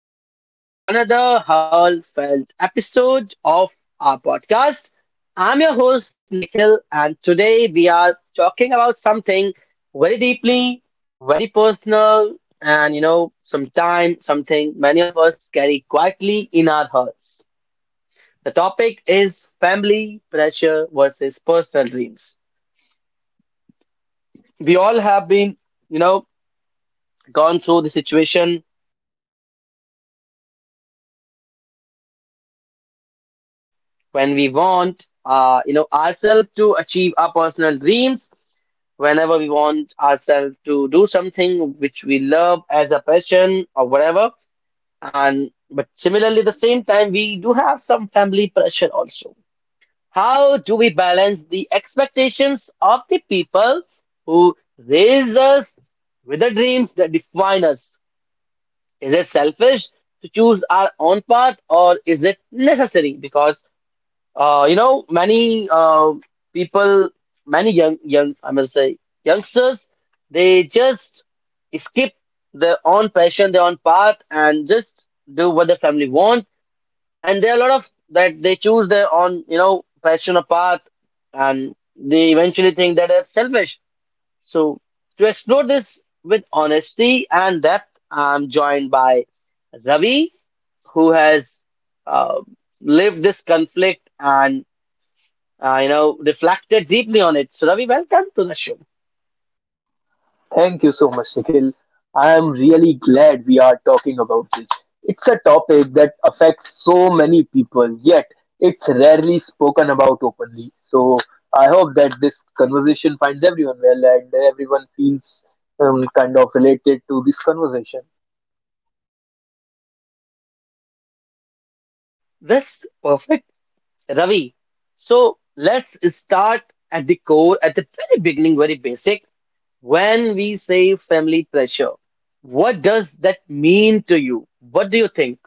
Welcome to another heartfelt episode of our podcast. I'm your host, Nikhil, and today we are talking about something very deeply, very personal, and sometimes something many of us carry quietly in our hearts. The topic is family pressure versus personal dreams. We all have been, you know, gone through the situation when we want ourselves to achieve our personal dreams whenever we want ourselves to do something which we love as a passion or whatever. And but similarly, at the same time, we do have some family pressure also. How do we balance the expectations of the people who raise us with the dreams that define us? Is it selfish to choose our own path, or is it necessary? Because many people, many young, I must say, youngsters, they just skip their own passion, their own path, and just do what the family want. And there are a lot of that they choose their own, passion or path, and they eventually think that they're selfish. So, to explore this with honesty and depth, I'm joined by Ravi, who has uh, lived this conflict and reflected deeply on it. So, Ravi, welcome to the show. Thank you so much, Nikhil. I am really glad we are talking about this. It's a topic that affects so many people, yet it's rarely spoken about openly. So I hope that this conversation finds everyone well and everyone feels kind of related to this conversation. That's perfect, Ravi. So, let's start at the core, at the very beginning, very basic. When we say family pressure, what does that mean to you? What do you think?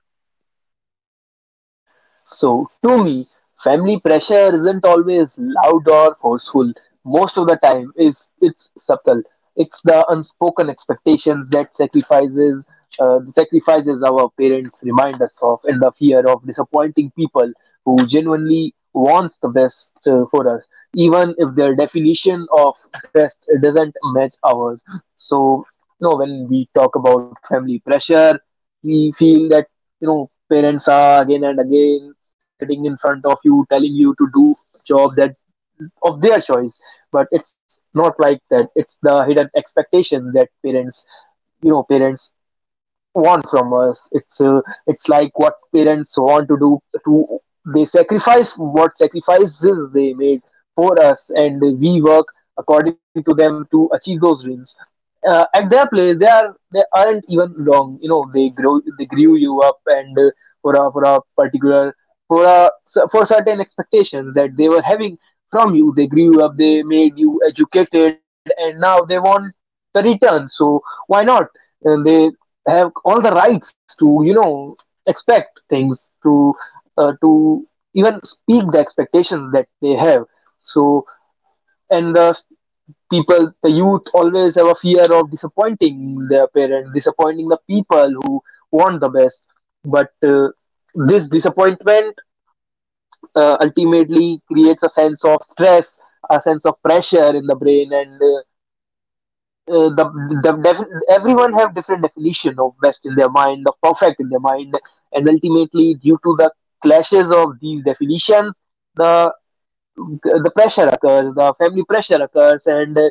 So, to me, family pressure isn't always loud or forceful. Most of the time, is it's subtle. It's the unspoken expectations, that sacrifices our parents remind us of, and the fear of disappointing people who genuinely wants the best for us, even if their definition of best doesn't match ours. So, when we talk about family pressure, we feel that parents are again and again sitting in front of you telling you to do a job that of their choice, but it's not like that. It's the hidden expectation that parents you know parents want from us. It's like what parents want to do to, they sacrifice, what sacrifices they made for us, and we work according to them to achieve those dreams. At their place, they aren't even wrong. You know, they grew you up, and for a particular for a for certain expectations that they were having from you. They grew you up, they made you educated, and now they want the return. So why not? And they have all the rights to expect things to even speak the expectations that they have. So, and the people, the youth always have a fear of disappointing their parents, disappointing the people who want the best. But this disappointment ultimately creates a sense of stress, a sense of pressure in the brain, and uh, the, everyone have different definition of best in their mind, of perfect in their mind. And ultimately, due to the clashes of these definitions, the the pressure occurs, the family pressure occurs. And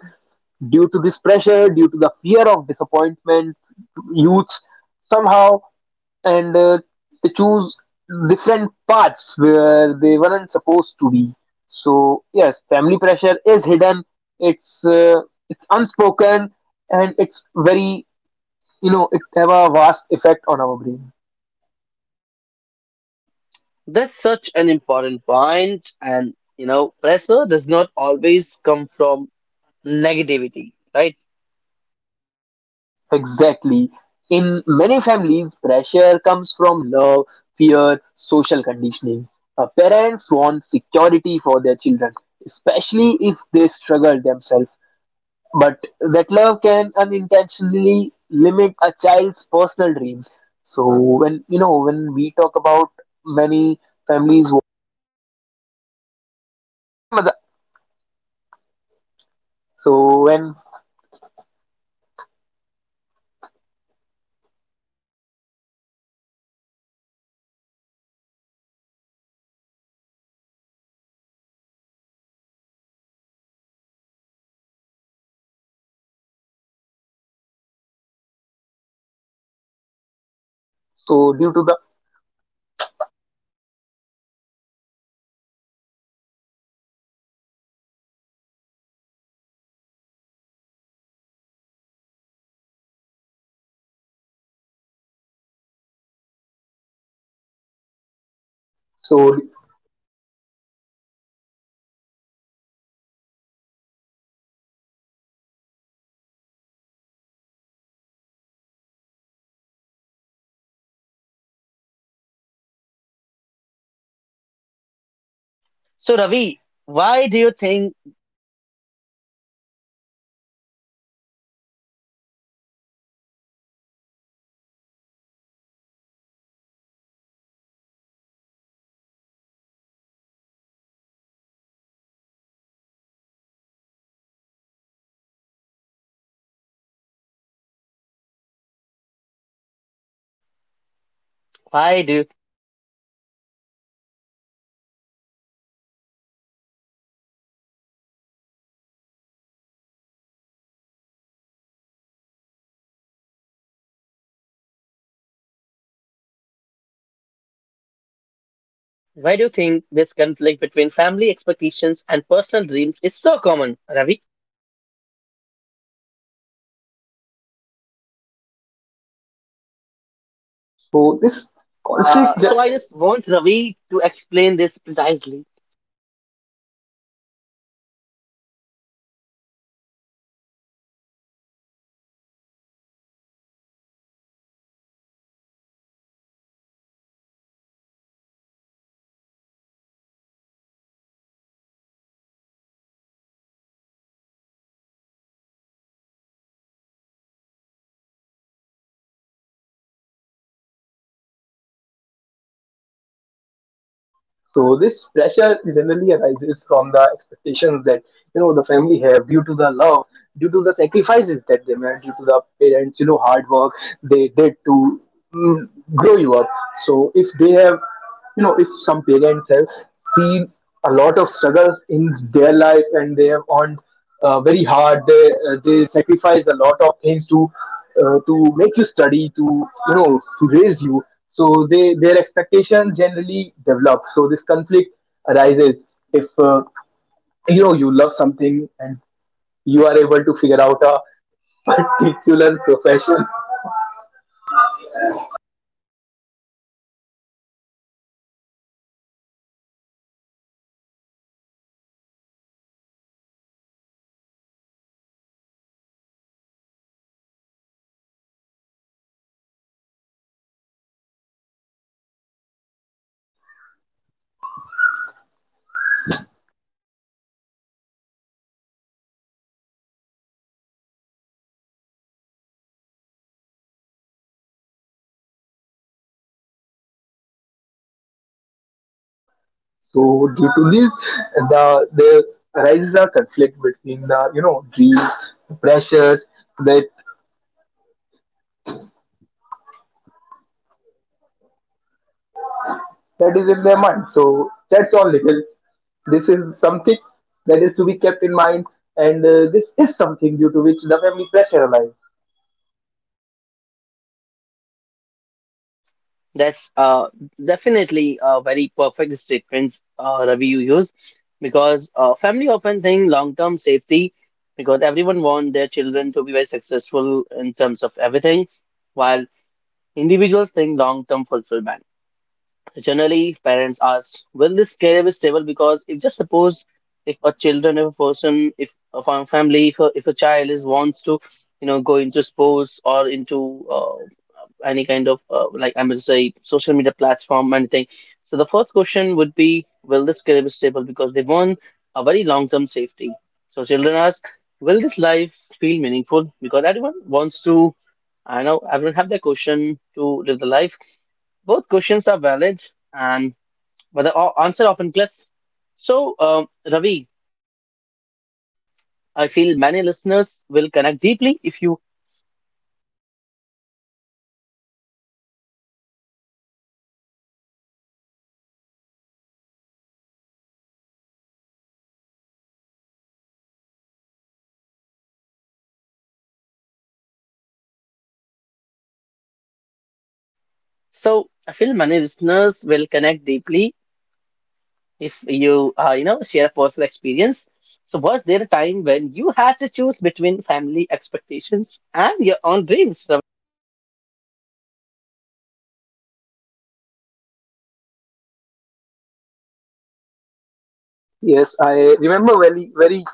due to this pressure, due to the fear of disappointment, youths somehow, and they choose different paths where they weren't supposed to be. So yes, family pressure is hidden. It's uh, it's unspoken, and it's very, it have a vast effect on our brain. That's such an important point, and pressure does not always come from negativity, right? Exactly. In many families, pressure comes from love, fear, social conditioning. Parents want security for their children, especially if they struggle themselves. But that love can unintentionally limit a child's personal dreams. So when, we talk about many families, who- लग रहा है मतलब- so when, so due to the, so So, Ravi, why do you think? Why do you Why do you think this conflict between family expectations and personal dreams is so common, Ravi? so this Uh, conflict. so I just want Ravi to explain this precisely. So this pressure generally arises from the expectations that the family have, due to the love, due to the sacrifices that they made, due to the parents, hard work they did to mm, grow you up. So if they if some parents have seen a lot of struggles in their life, and they have earned very hard, they sacrifice a lot of things to, to make you study, to raise you. So they their expectations generally develop. So this conflict arises if, you love something and you are able to figure out a particular profession. So due to this, there arises a conflict between the, dreams, the pressures that that is in their mind. So that's all, little. This is something that is to be kept in mind, and this is something due to which the family pressure arises. That's definitely a very perfect statement, Ravi, you use because family often think long-term safety because everyone wants their children to be very successful in terms of everything, while individuals think long-term fulfillment. Generally, parents ask, will this career be stable? Because if just suppose if a children, if a person, if a family, if a child is wants to, go into sports or into any kind of like I would say social media platform, anything. So the first question would be, will this career be stable? Because they want a very long-term safety. So children ask, will this life feel meaningful? Because everyone wants to I know everyone have their question to live the life. Both questions are valid, and but the answer often clicks. So, Ravi, I feel many listeners will connect deeply if you. So, I feel many listeners will connect deeply if you, share a personal experience. So, was there a time when you had to choose between family expectations and your own dreams? Yes, I remember very, very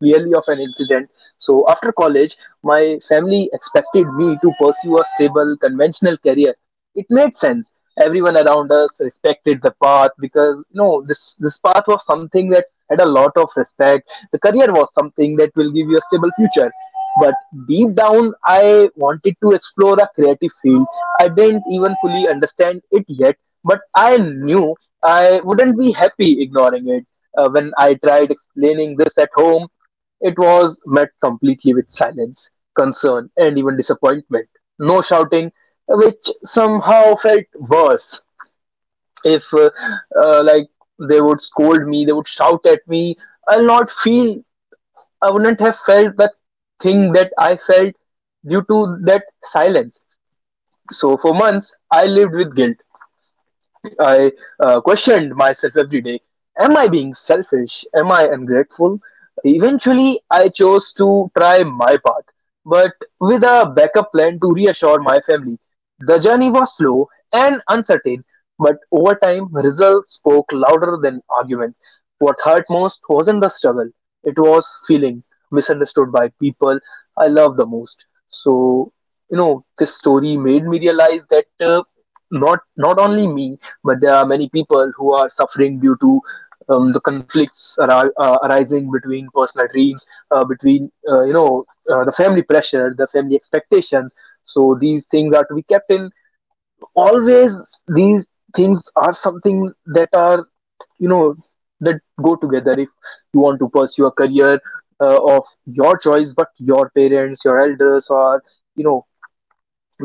clearly of an incident. So after college, my family expected me to pursue a stable, conventional career. It made sense. Everyone around us respected the path, because no, this path was something that had a lot of respect. The career was something that will give you a stable future. But deep down, I wanted to explore a creative field. I didn't even fully understand it yet, but I knew I wouldn't be happy ignoring it. When I tried explaining this at home, it was met completely with silence, concern, and even disappointment. No shouting, which somehow felt worse. If, like, they would scold me, they would shout at me, I'll not feel, I wouldn't have felt that thing that I felt due to that silence. So, for months, I lived with guilt. I questioned myself every day. Am I being selfish? Am I ungrateful? Eventually, I chose to try my path, but with a backup plan to reassure my family. The journey was slow and uncertain, but over time, results spoke louder than arguments. What hurt most wasn't the struggle, it was feeling misunderstood by people I love the most. So, this story made me realize that not only me, but there are many people who are suffering due to the conflicts arising between personal dreams, between the family pressure, the family expectations. So these things are to be kept in. Always these things are something that are you know that go together. If you want to pursue a career of your choice, but your parents, your elders, or you know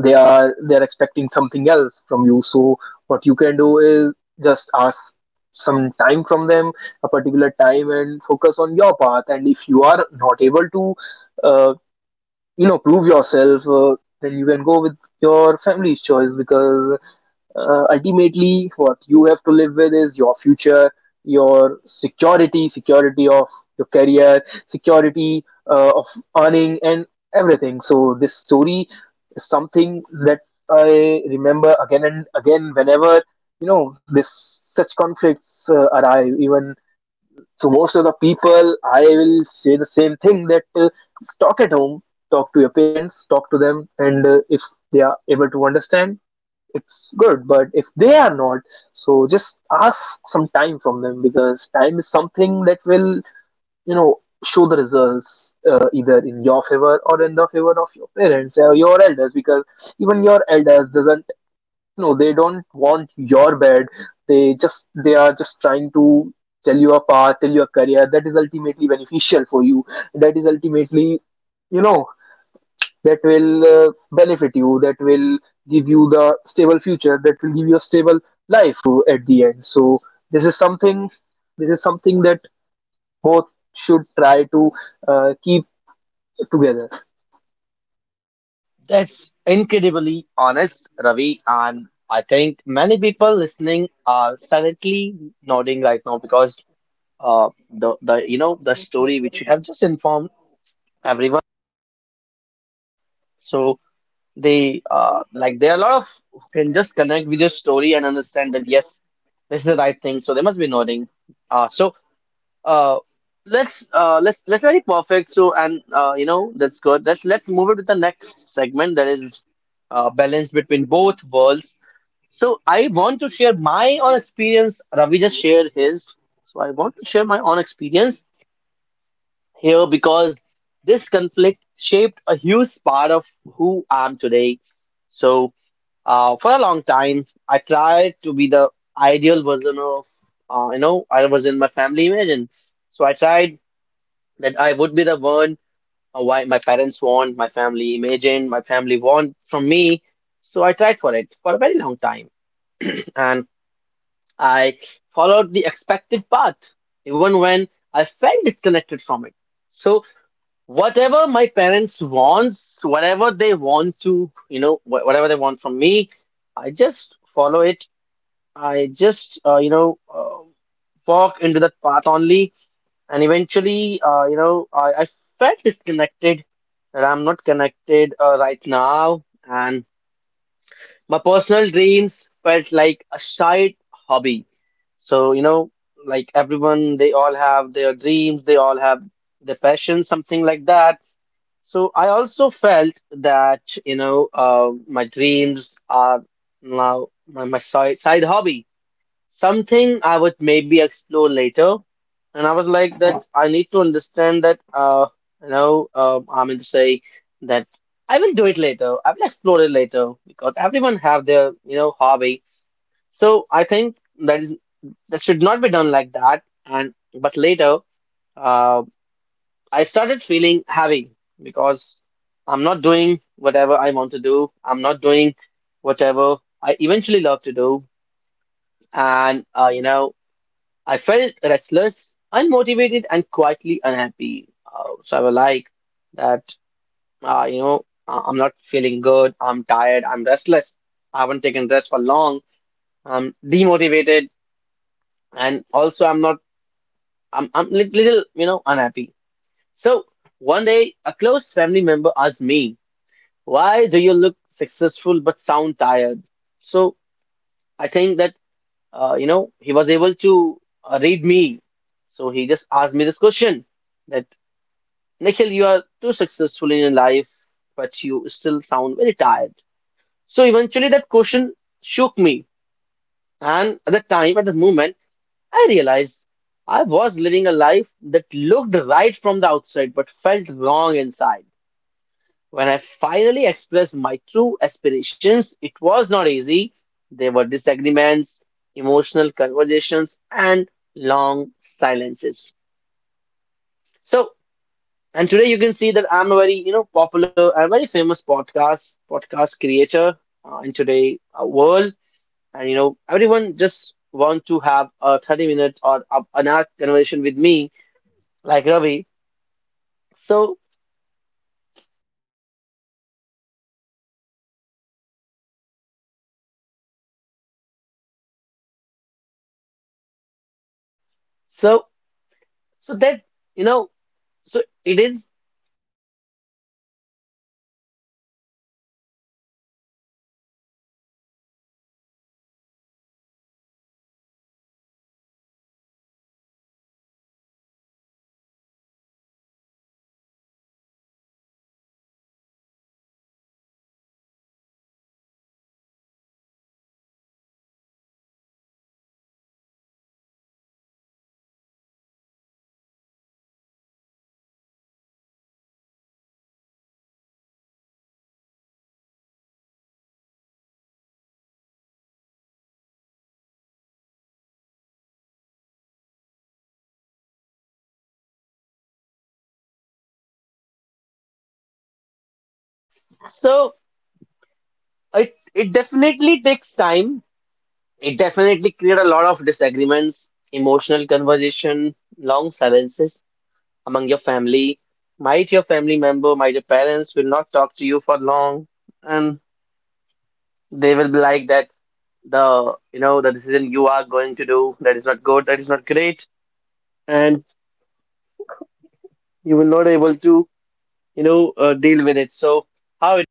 they are expecting something else from you, so what you can do is just ask some time from them, a particular time, and focus on your path. And if you are not able to, uh, prove yourself, then you can go with your family's choice, because ultimately what you have to live with is your future, your security of your career, security of earning and everything. So this story is something that I remember again and again, whenever this such conflicts arrive. Even so, most of the people, I will say the same thing, that talk at home, talk to your parents, talk to them, and if they are able to understand, it's good, but if they are not, so just ask some time from them, because time is something that will, know show the results either in your favor or in the favor of your parents or your elders. Because even your elders doesn't, they don't want your bad, they are just trying to tell you a path, tell you a career that is ultimately beneficial for you, that is ultimately, you know that will benefit you, that will give you the stable future, that will give you a stable life to, at the end. So this is something this is something that both should try to keep together. That's incredibly honest, Ravi. And I think many people listening are silently nodding right now because the story which you have just informed everyone. So they like there are a lot of who can just connect with your story and understand that yes, this is the right thing. So they must be nodding. Uh, so uh, let's very perfect. So, and you know that's good. Let's move it to the next segment, that is balance between both worlds. So I want to share my own experience. Ravi just shared his. So I want to share my own experience here because this conflict shaped a huge part of who I am today. So for a long time, I tried to be the ideal version of, I was in my family image. And so I tried that I would be the one why my parents want, my family image, and my family want from me. So I tried for it for a very long time. And I followed the expected path, even when I felt disconnected from it. So, whatever my parents wants, whatever they want to, whatever they want from me, I just follow it. I just, walk into that path only. And eventually, I felt disconnected that I'm not connected right now. And my personal dreams felt like a side hobby. So, like everyone, they all have their dreams, they all have their passion, something like that. So, I also felt that, my dreams are now my side hobby. Something I would maybe explore later. And I was like that I need to understand that I mean to say that I will do it later. I will explore it later because everyone have their hobby. So I think that is that should not be done like that. And but later uh I started feeling heavy because I'm not doing whatever I want to do. I'm not doing whatever I eventually love to do. And I felt restless, unmotivated, and quietly unhappy. So, I was like that, I'm not feeling good. I'm tired. I'm restless. I haven't taken rest for long. I'm demotivated, and also I'm not. I'm little, unhappy. So one day, a close family member asked me, "Why do you look successful but sound tired?" So I think that, he was able to read me. So he just asked me this question. That. Nikhil, you are too successful in your life, but you still sound very tired. So eventually that question shook me. And at the time, at the moment, I realized I was living a life that looked right from the outside, but felt wrong inside. When I finally expressed my true aspirations, it was not easy. There were disagreements, emotional conversations, and long silences. So And today you can see that I'm a very, popular and very famous podcast creator in today world. And everyone just want to have a 30 minutes or an hour conversation with me, like Ravi. So, so, so that you know, so it is. So it definitely takes time. It definitely create a lot of disagreements, emotional conversation, long silences among your family. Might your family member, might your parents will not talk to you for long, and they will be like that the decision you are going to do that is not good, that is not great, and you will not able to deal with it. So how it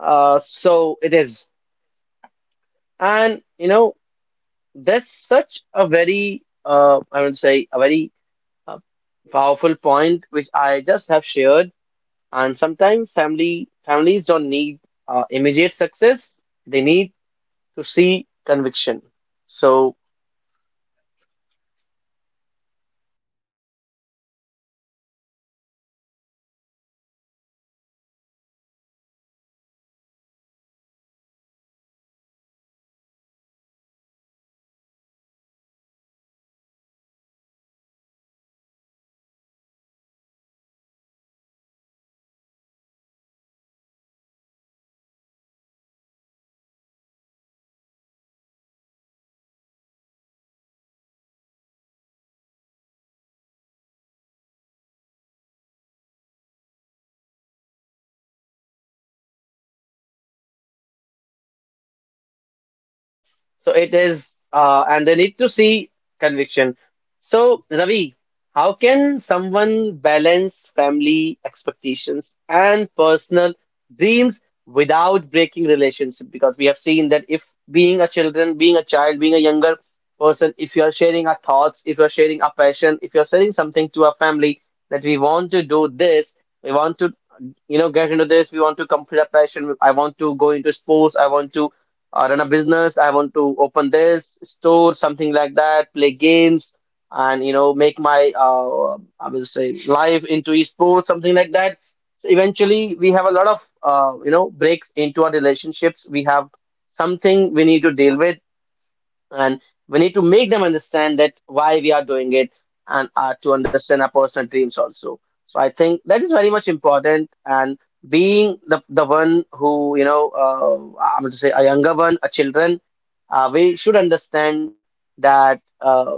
so it is, and that's such a very I would say a very uh, powerful point which I just have shared. And sometimes family families don't need immediate success; they need to see conviction. So So it is, and they need to see conviction. So, Ravi, how can someone balance family expectations and personal dreams without breaking relationship? Because we have seen that if being a children, being a child, being a younger person, if you are sharing our thoughts, if you are sharing our passion, if you are sharing something to our family that we want to do this, we want to get into this. We want to complete a passion. I want to go into sports. I want to run a business. I want to open this store, something like that. Play games and make my I will say life into esports, something like that. So eventually, we have a lot of breaks into our relationships. We have something we need to deal with, and we need to make them understand that why we are doing it, and to understand our personal dreams also. So I think that is very much important. And being the one who I'm going to say a younger one, a children, we should understand that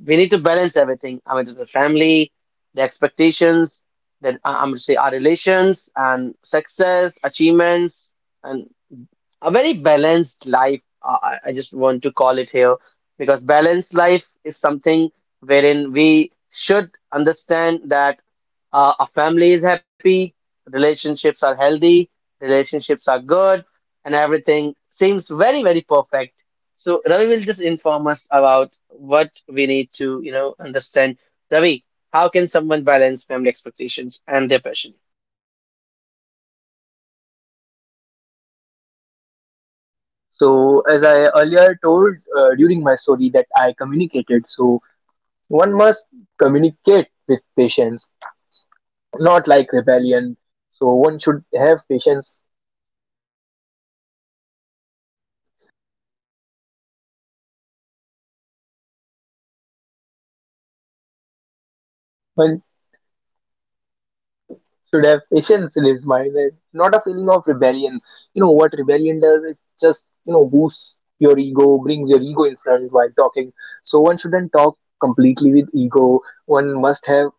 we need to balance everything. I mean the family, the expectations, then I'm going to say our relations and success achievements, and a very balanced life. I just want to call it here because balanced life is something wherein we should understand that a family is happy, relationships are healthy, relationships are good, and everything seems very, very perfect. So Ravi will just inform us about what we need to, understand. Ravi, how can someone balance family expectations and their passion? So as I earlier told, during my story, that I communicated, so one must communicate with patients, not like rebellion. So one should have patience. One should have patience in his mind, and not a feeling of rebellion. You know what rebellion does? It just, boosts your ego, brings your ego in front while talking. So one shouldn't talk completely with ego. One must have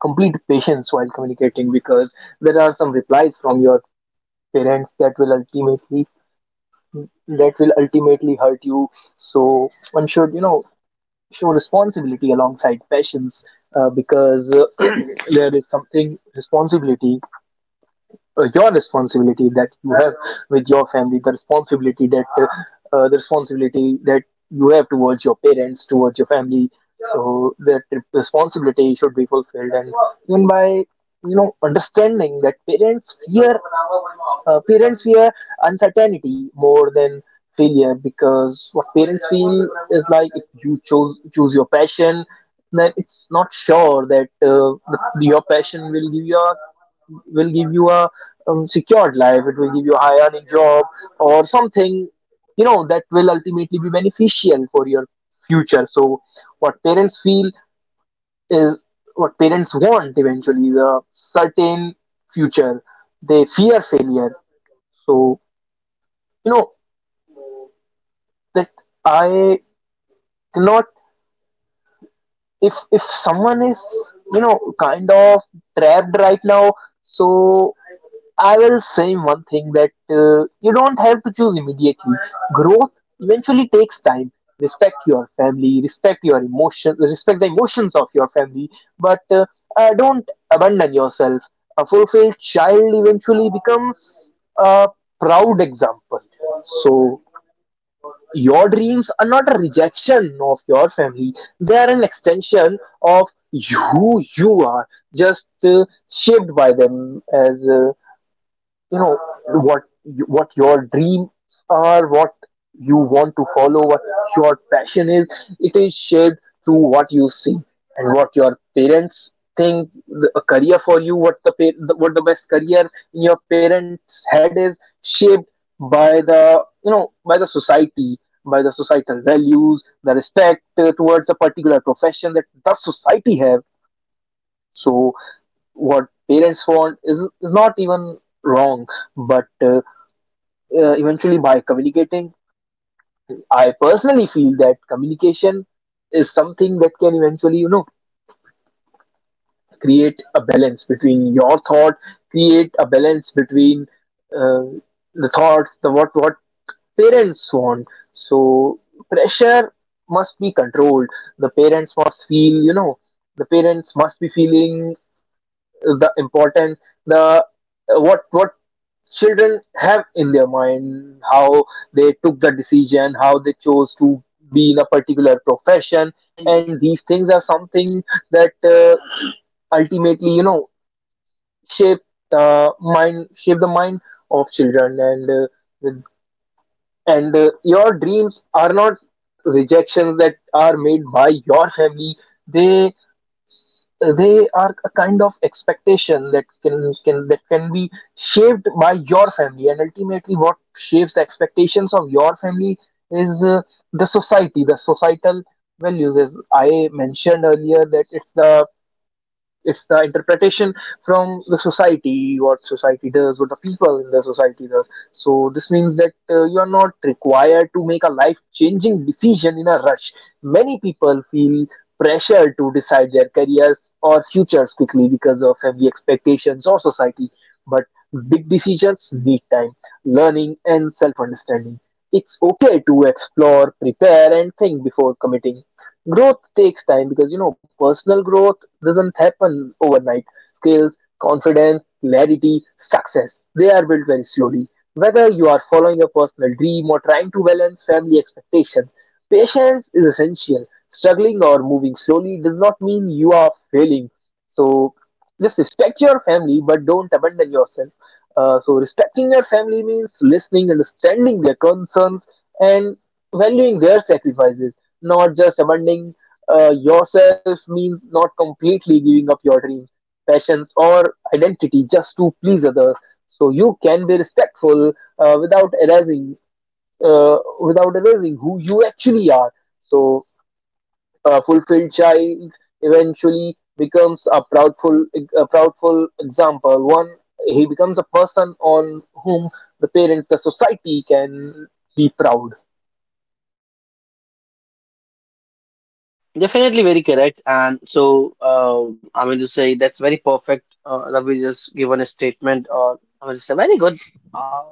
complete patience while communicating, because there are some replies from your parents that will ultimately, hurt you. So one should, show responsibility alongside passions, because there is something, responsibility, your responsibility that you have with your family, the responsibility that you have towards your parents, towards your family, so that responsibility should be fulfilled. And even by understanding that parents fear uncertainty more than failure, because what parents feel is like, if you choose your passion, then it's not sure that your passion will give you, a secured life, it will give you a high earning job or something, that will ultimately be beneficial for your future. So what parents feel is, what parents want eventually is a certain future. They fear failure. So, you know that I cannot. If someone is, you know kind of trapped right now, so I will say one thing, that you don't have to choose immediately. Growth eventually takes time. Respect your family, respect your emotions, respect the emotions of your family, but don't abandon yourself. A fulfilled child eventually becomes a proud example. So, your dreams are not a rejection of your family, they are an extension of who you are, just shaped by them as. You know what what your dreams are, what you want to follow, what your passion is, it is shaped through what you see and what your parents think the, a career for you, what the, pa- the what the best career in your parents head is, shaped by the by the society, by the societal values, the respect towards a particular profession that the society have. So what parents want, is not even wrong, but uh, eventually by communicating. I personally feel that communication is something that can eventually, create a balance between your thought, create a balance between, uh, the thought, the what parents want. So pressure must be controlled. The parents must be feeling the importance, the what children have in their mind, how they took the decision, how they chose to be in a particular profession. And these things are something that ultimately, shape shape the mind of children. And with- your dreams are not rejections that are made by your family, they they are a kind of expectation that can, that can be shaped by your family. And ultimately, what shapes the expectations of your family is the societal values, as I mentioned earlier, that it's the interpretation from the society, what society does, what the people in the society does. So this means that you are not required to make a life changing decision in a rush. Many people feel pressure to decide their careers or futures quickly because of heavy expectations or society, but big decisions need time, learning, and self understanding. It's okay to explore, prepare, and think before committing. Growth takes time, because personal growth doesn't happen overnight. Skills, confidence, clarity, success, they are built very slowly. Whether you are following a personal dream or trying to balance family expectations, patience is essential. Struggling or moving slowly does not mean you are failing. So just respect your family, but don't abandon yourself. So respecting your family means listening, understanding their concerns, and valuing their sacrifices, not just abandoning yourself, means not completely giving up your dreams, passions, or identity, just to please others. So you can be respectful without erasing, who you actually are. So a fulfilled child eventually becomes a proudful, example. One he becomes a person on whom the parents, the society, can be proud. Definitely very correct. And so, I mean to say that's very perfect. Ravi just given a statement, or I mean, just a very good, uh,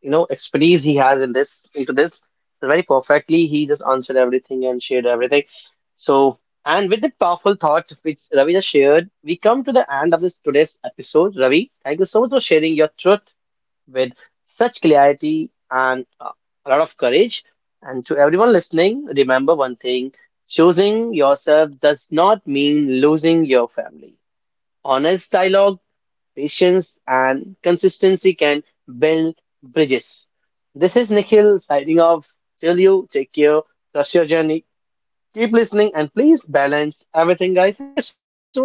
expertise he has in this into this. So very perfectly, he just answered everything and shared everything. So, and with that powerful thought which Ravi just shared, we come to the end of this today's episode. Ravi, thank you so much for sharing your truth with such clarity and a lot of courage. And to everyone listening, remember one thing: choosing yourself does not mean losing your family. Honest dialogue, patience, and consistency can build bridges. This is Nikhil signing off. Till you, take care, trust your journey, keep listening, and please balance everything, guys. Thank you so much. Bye bye.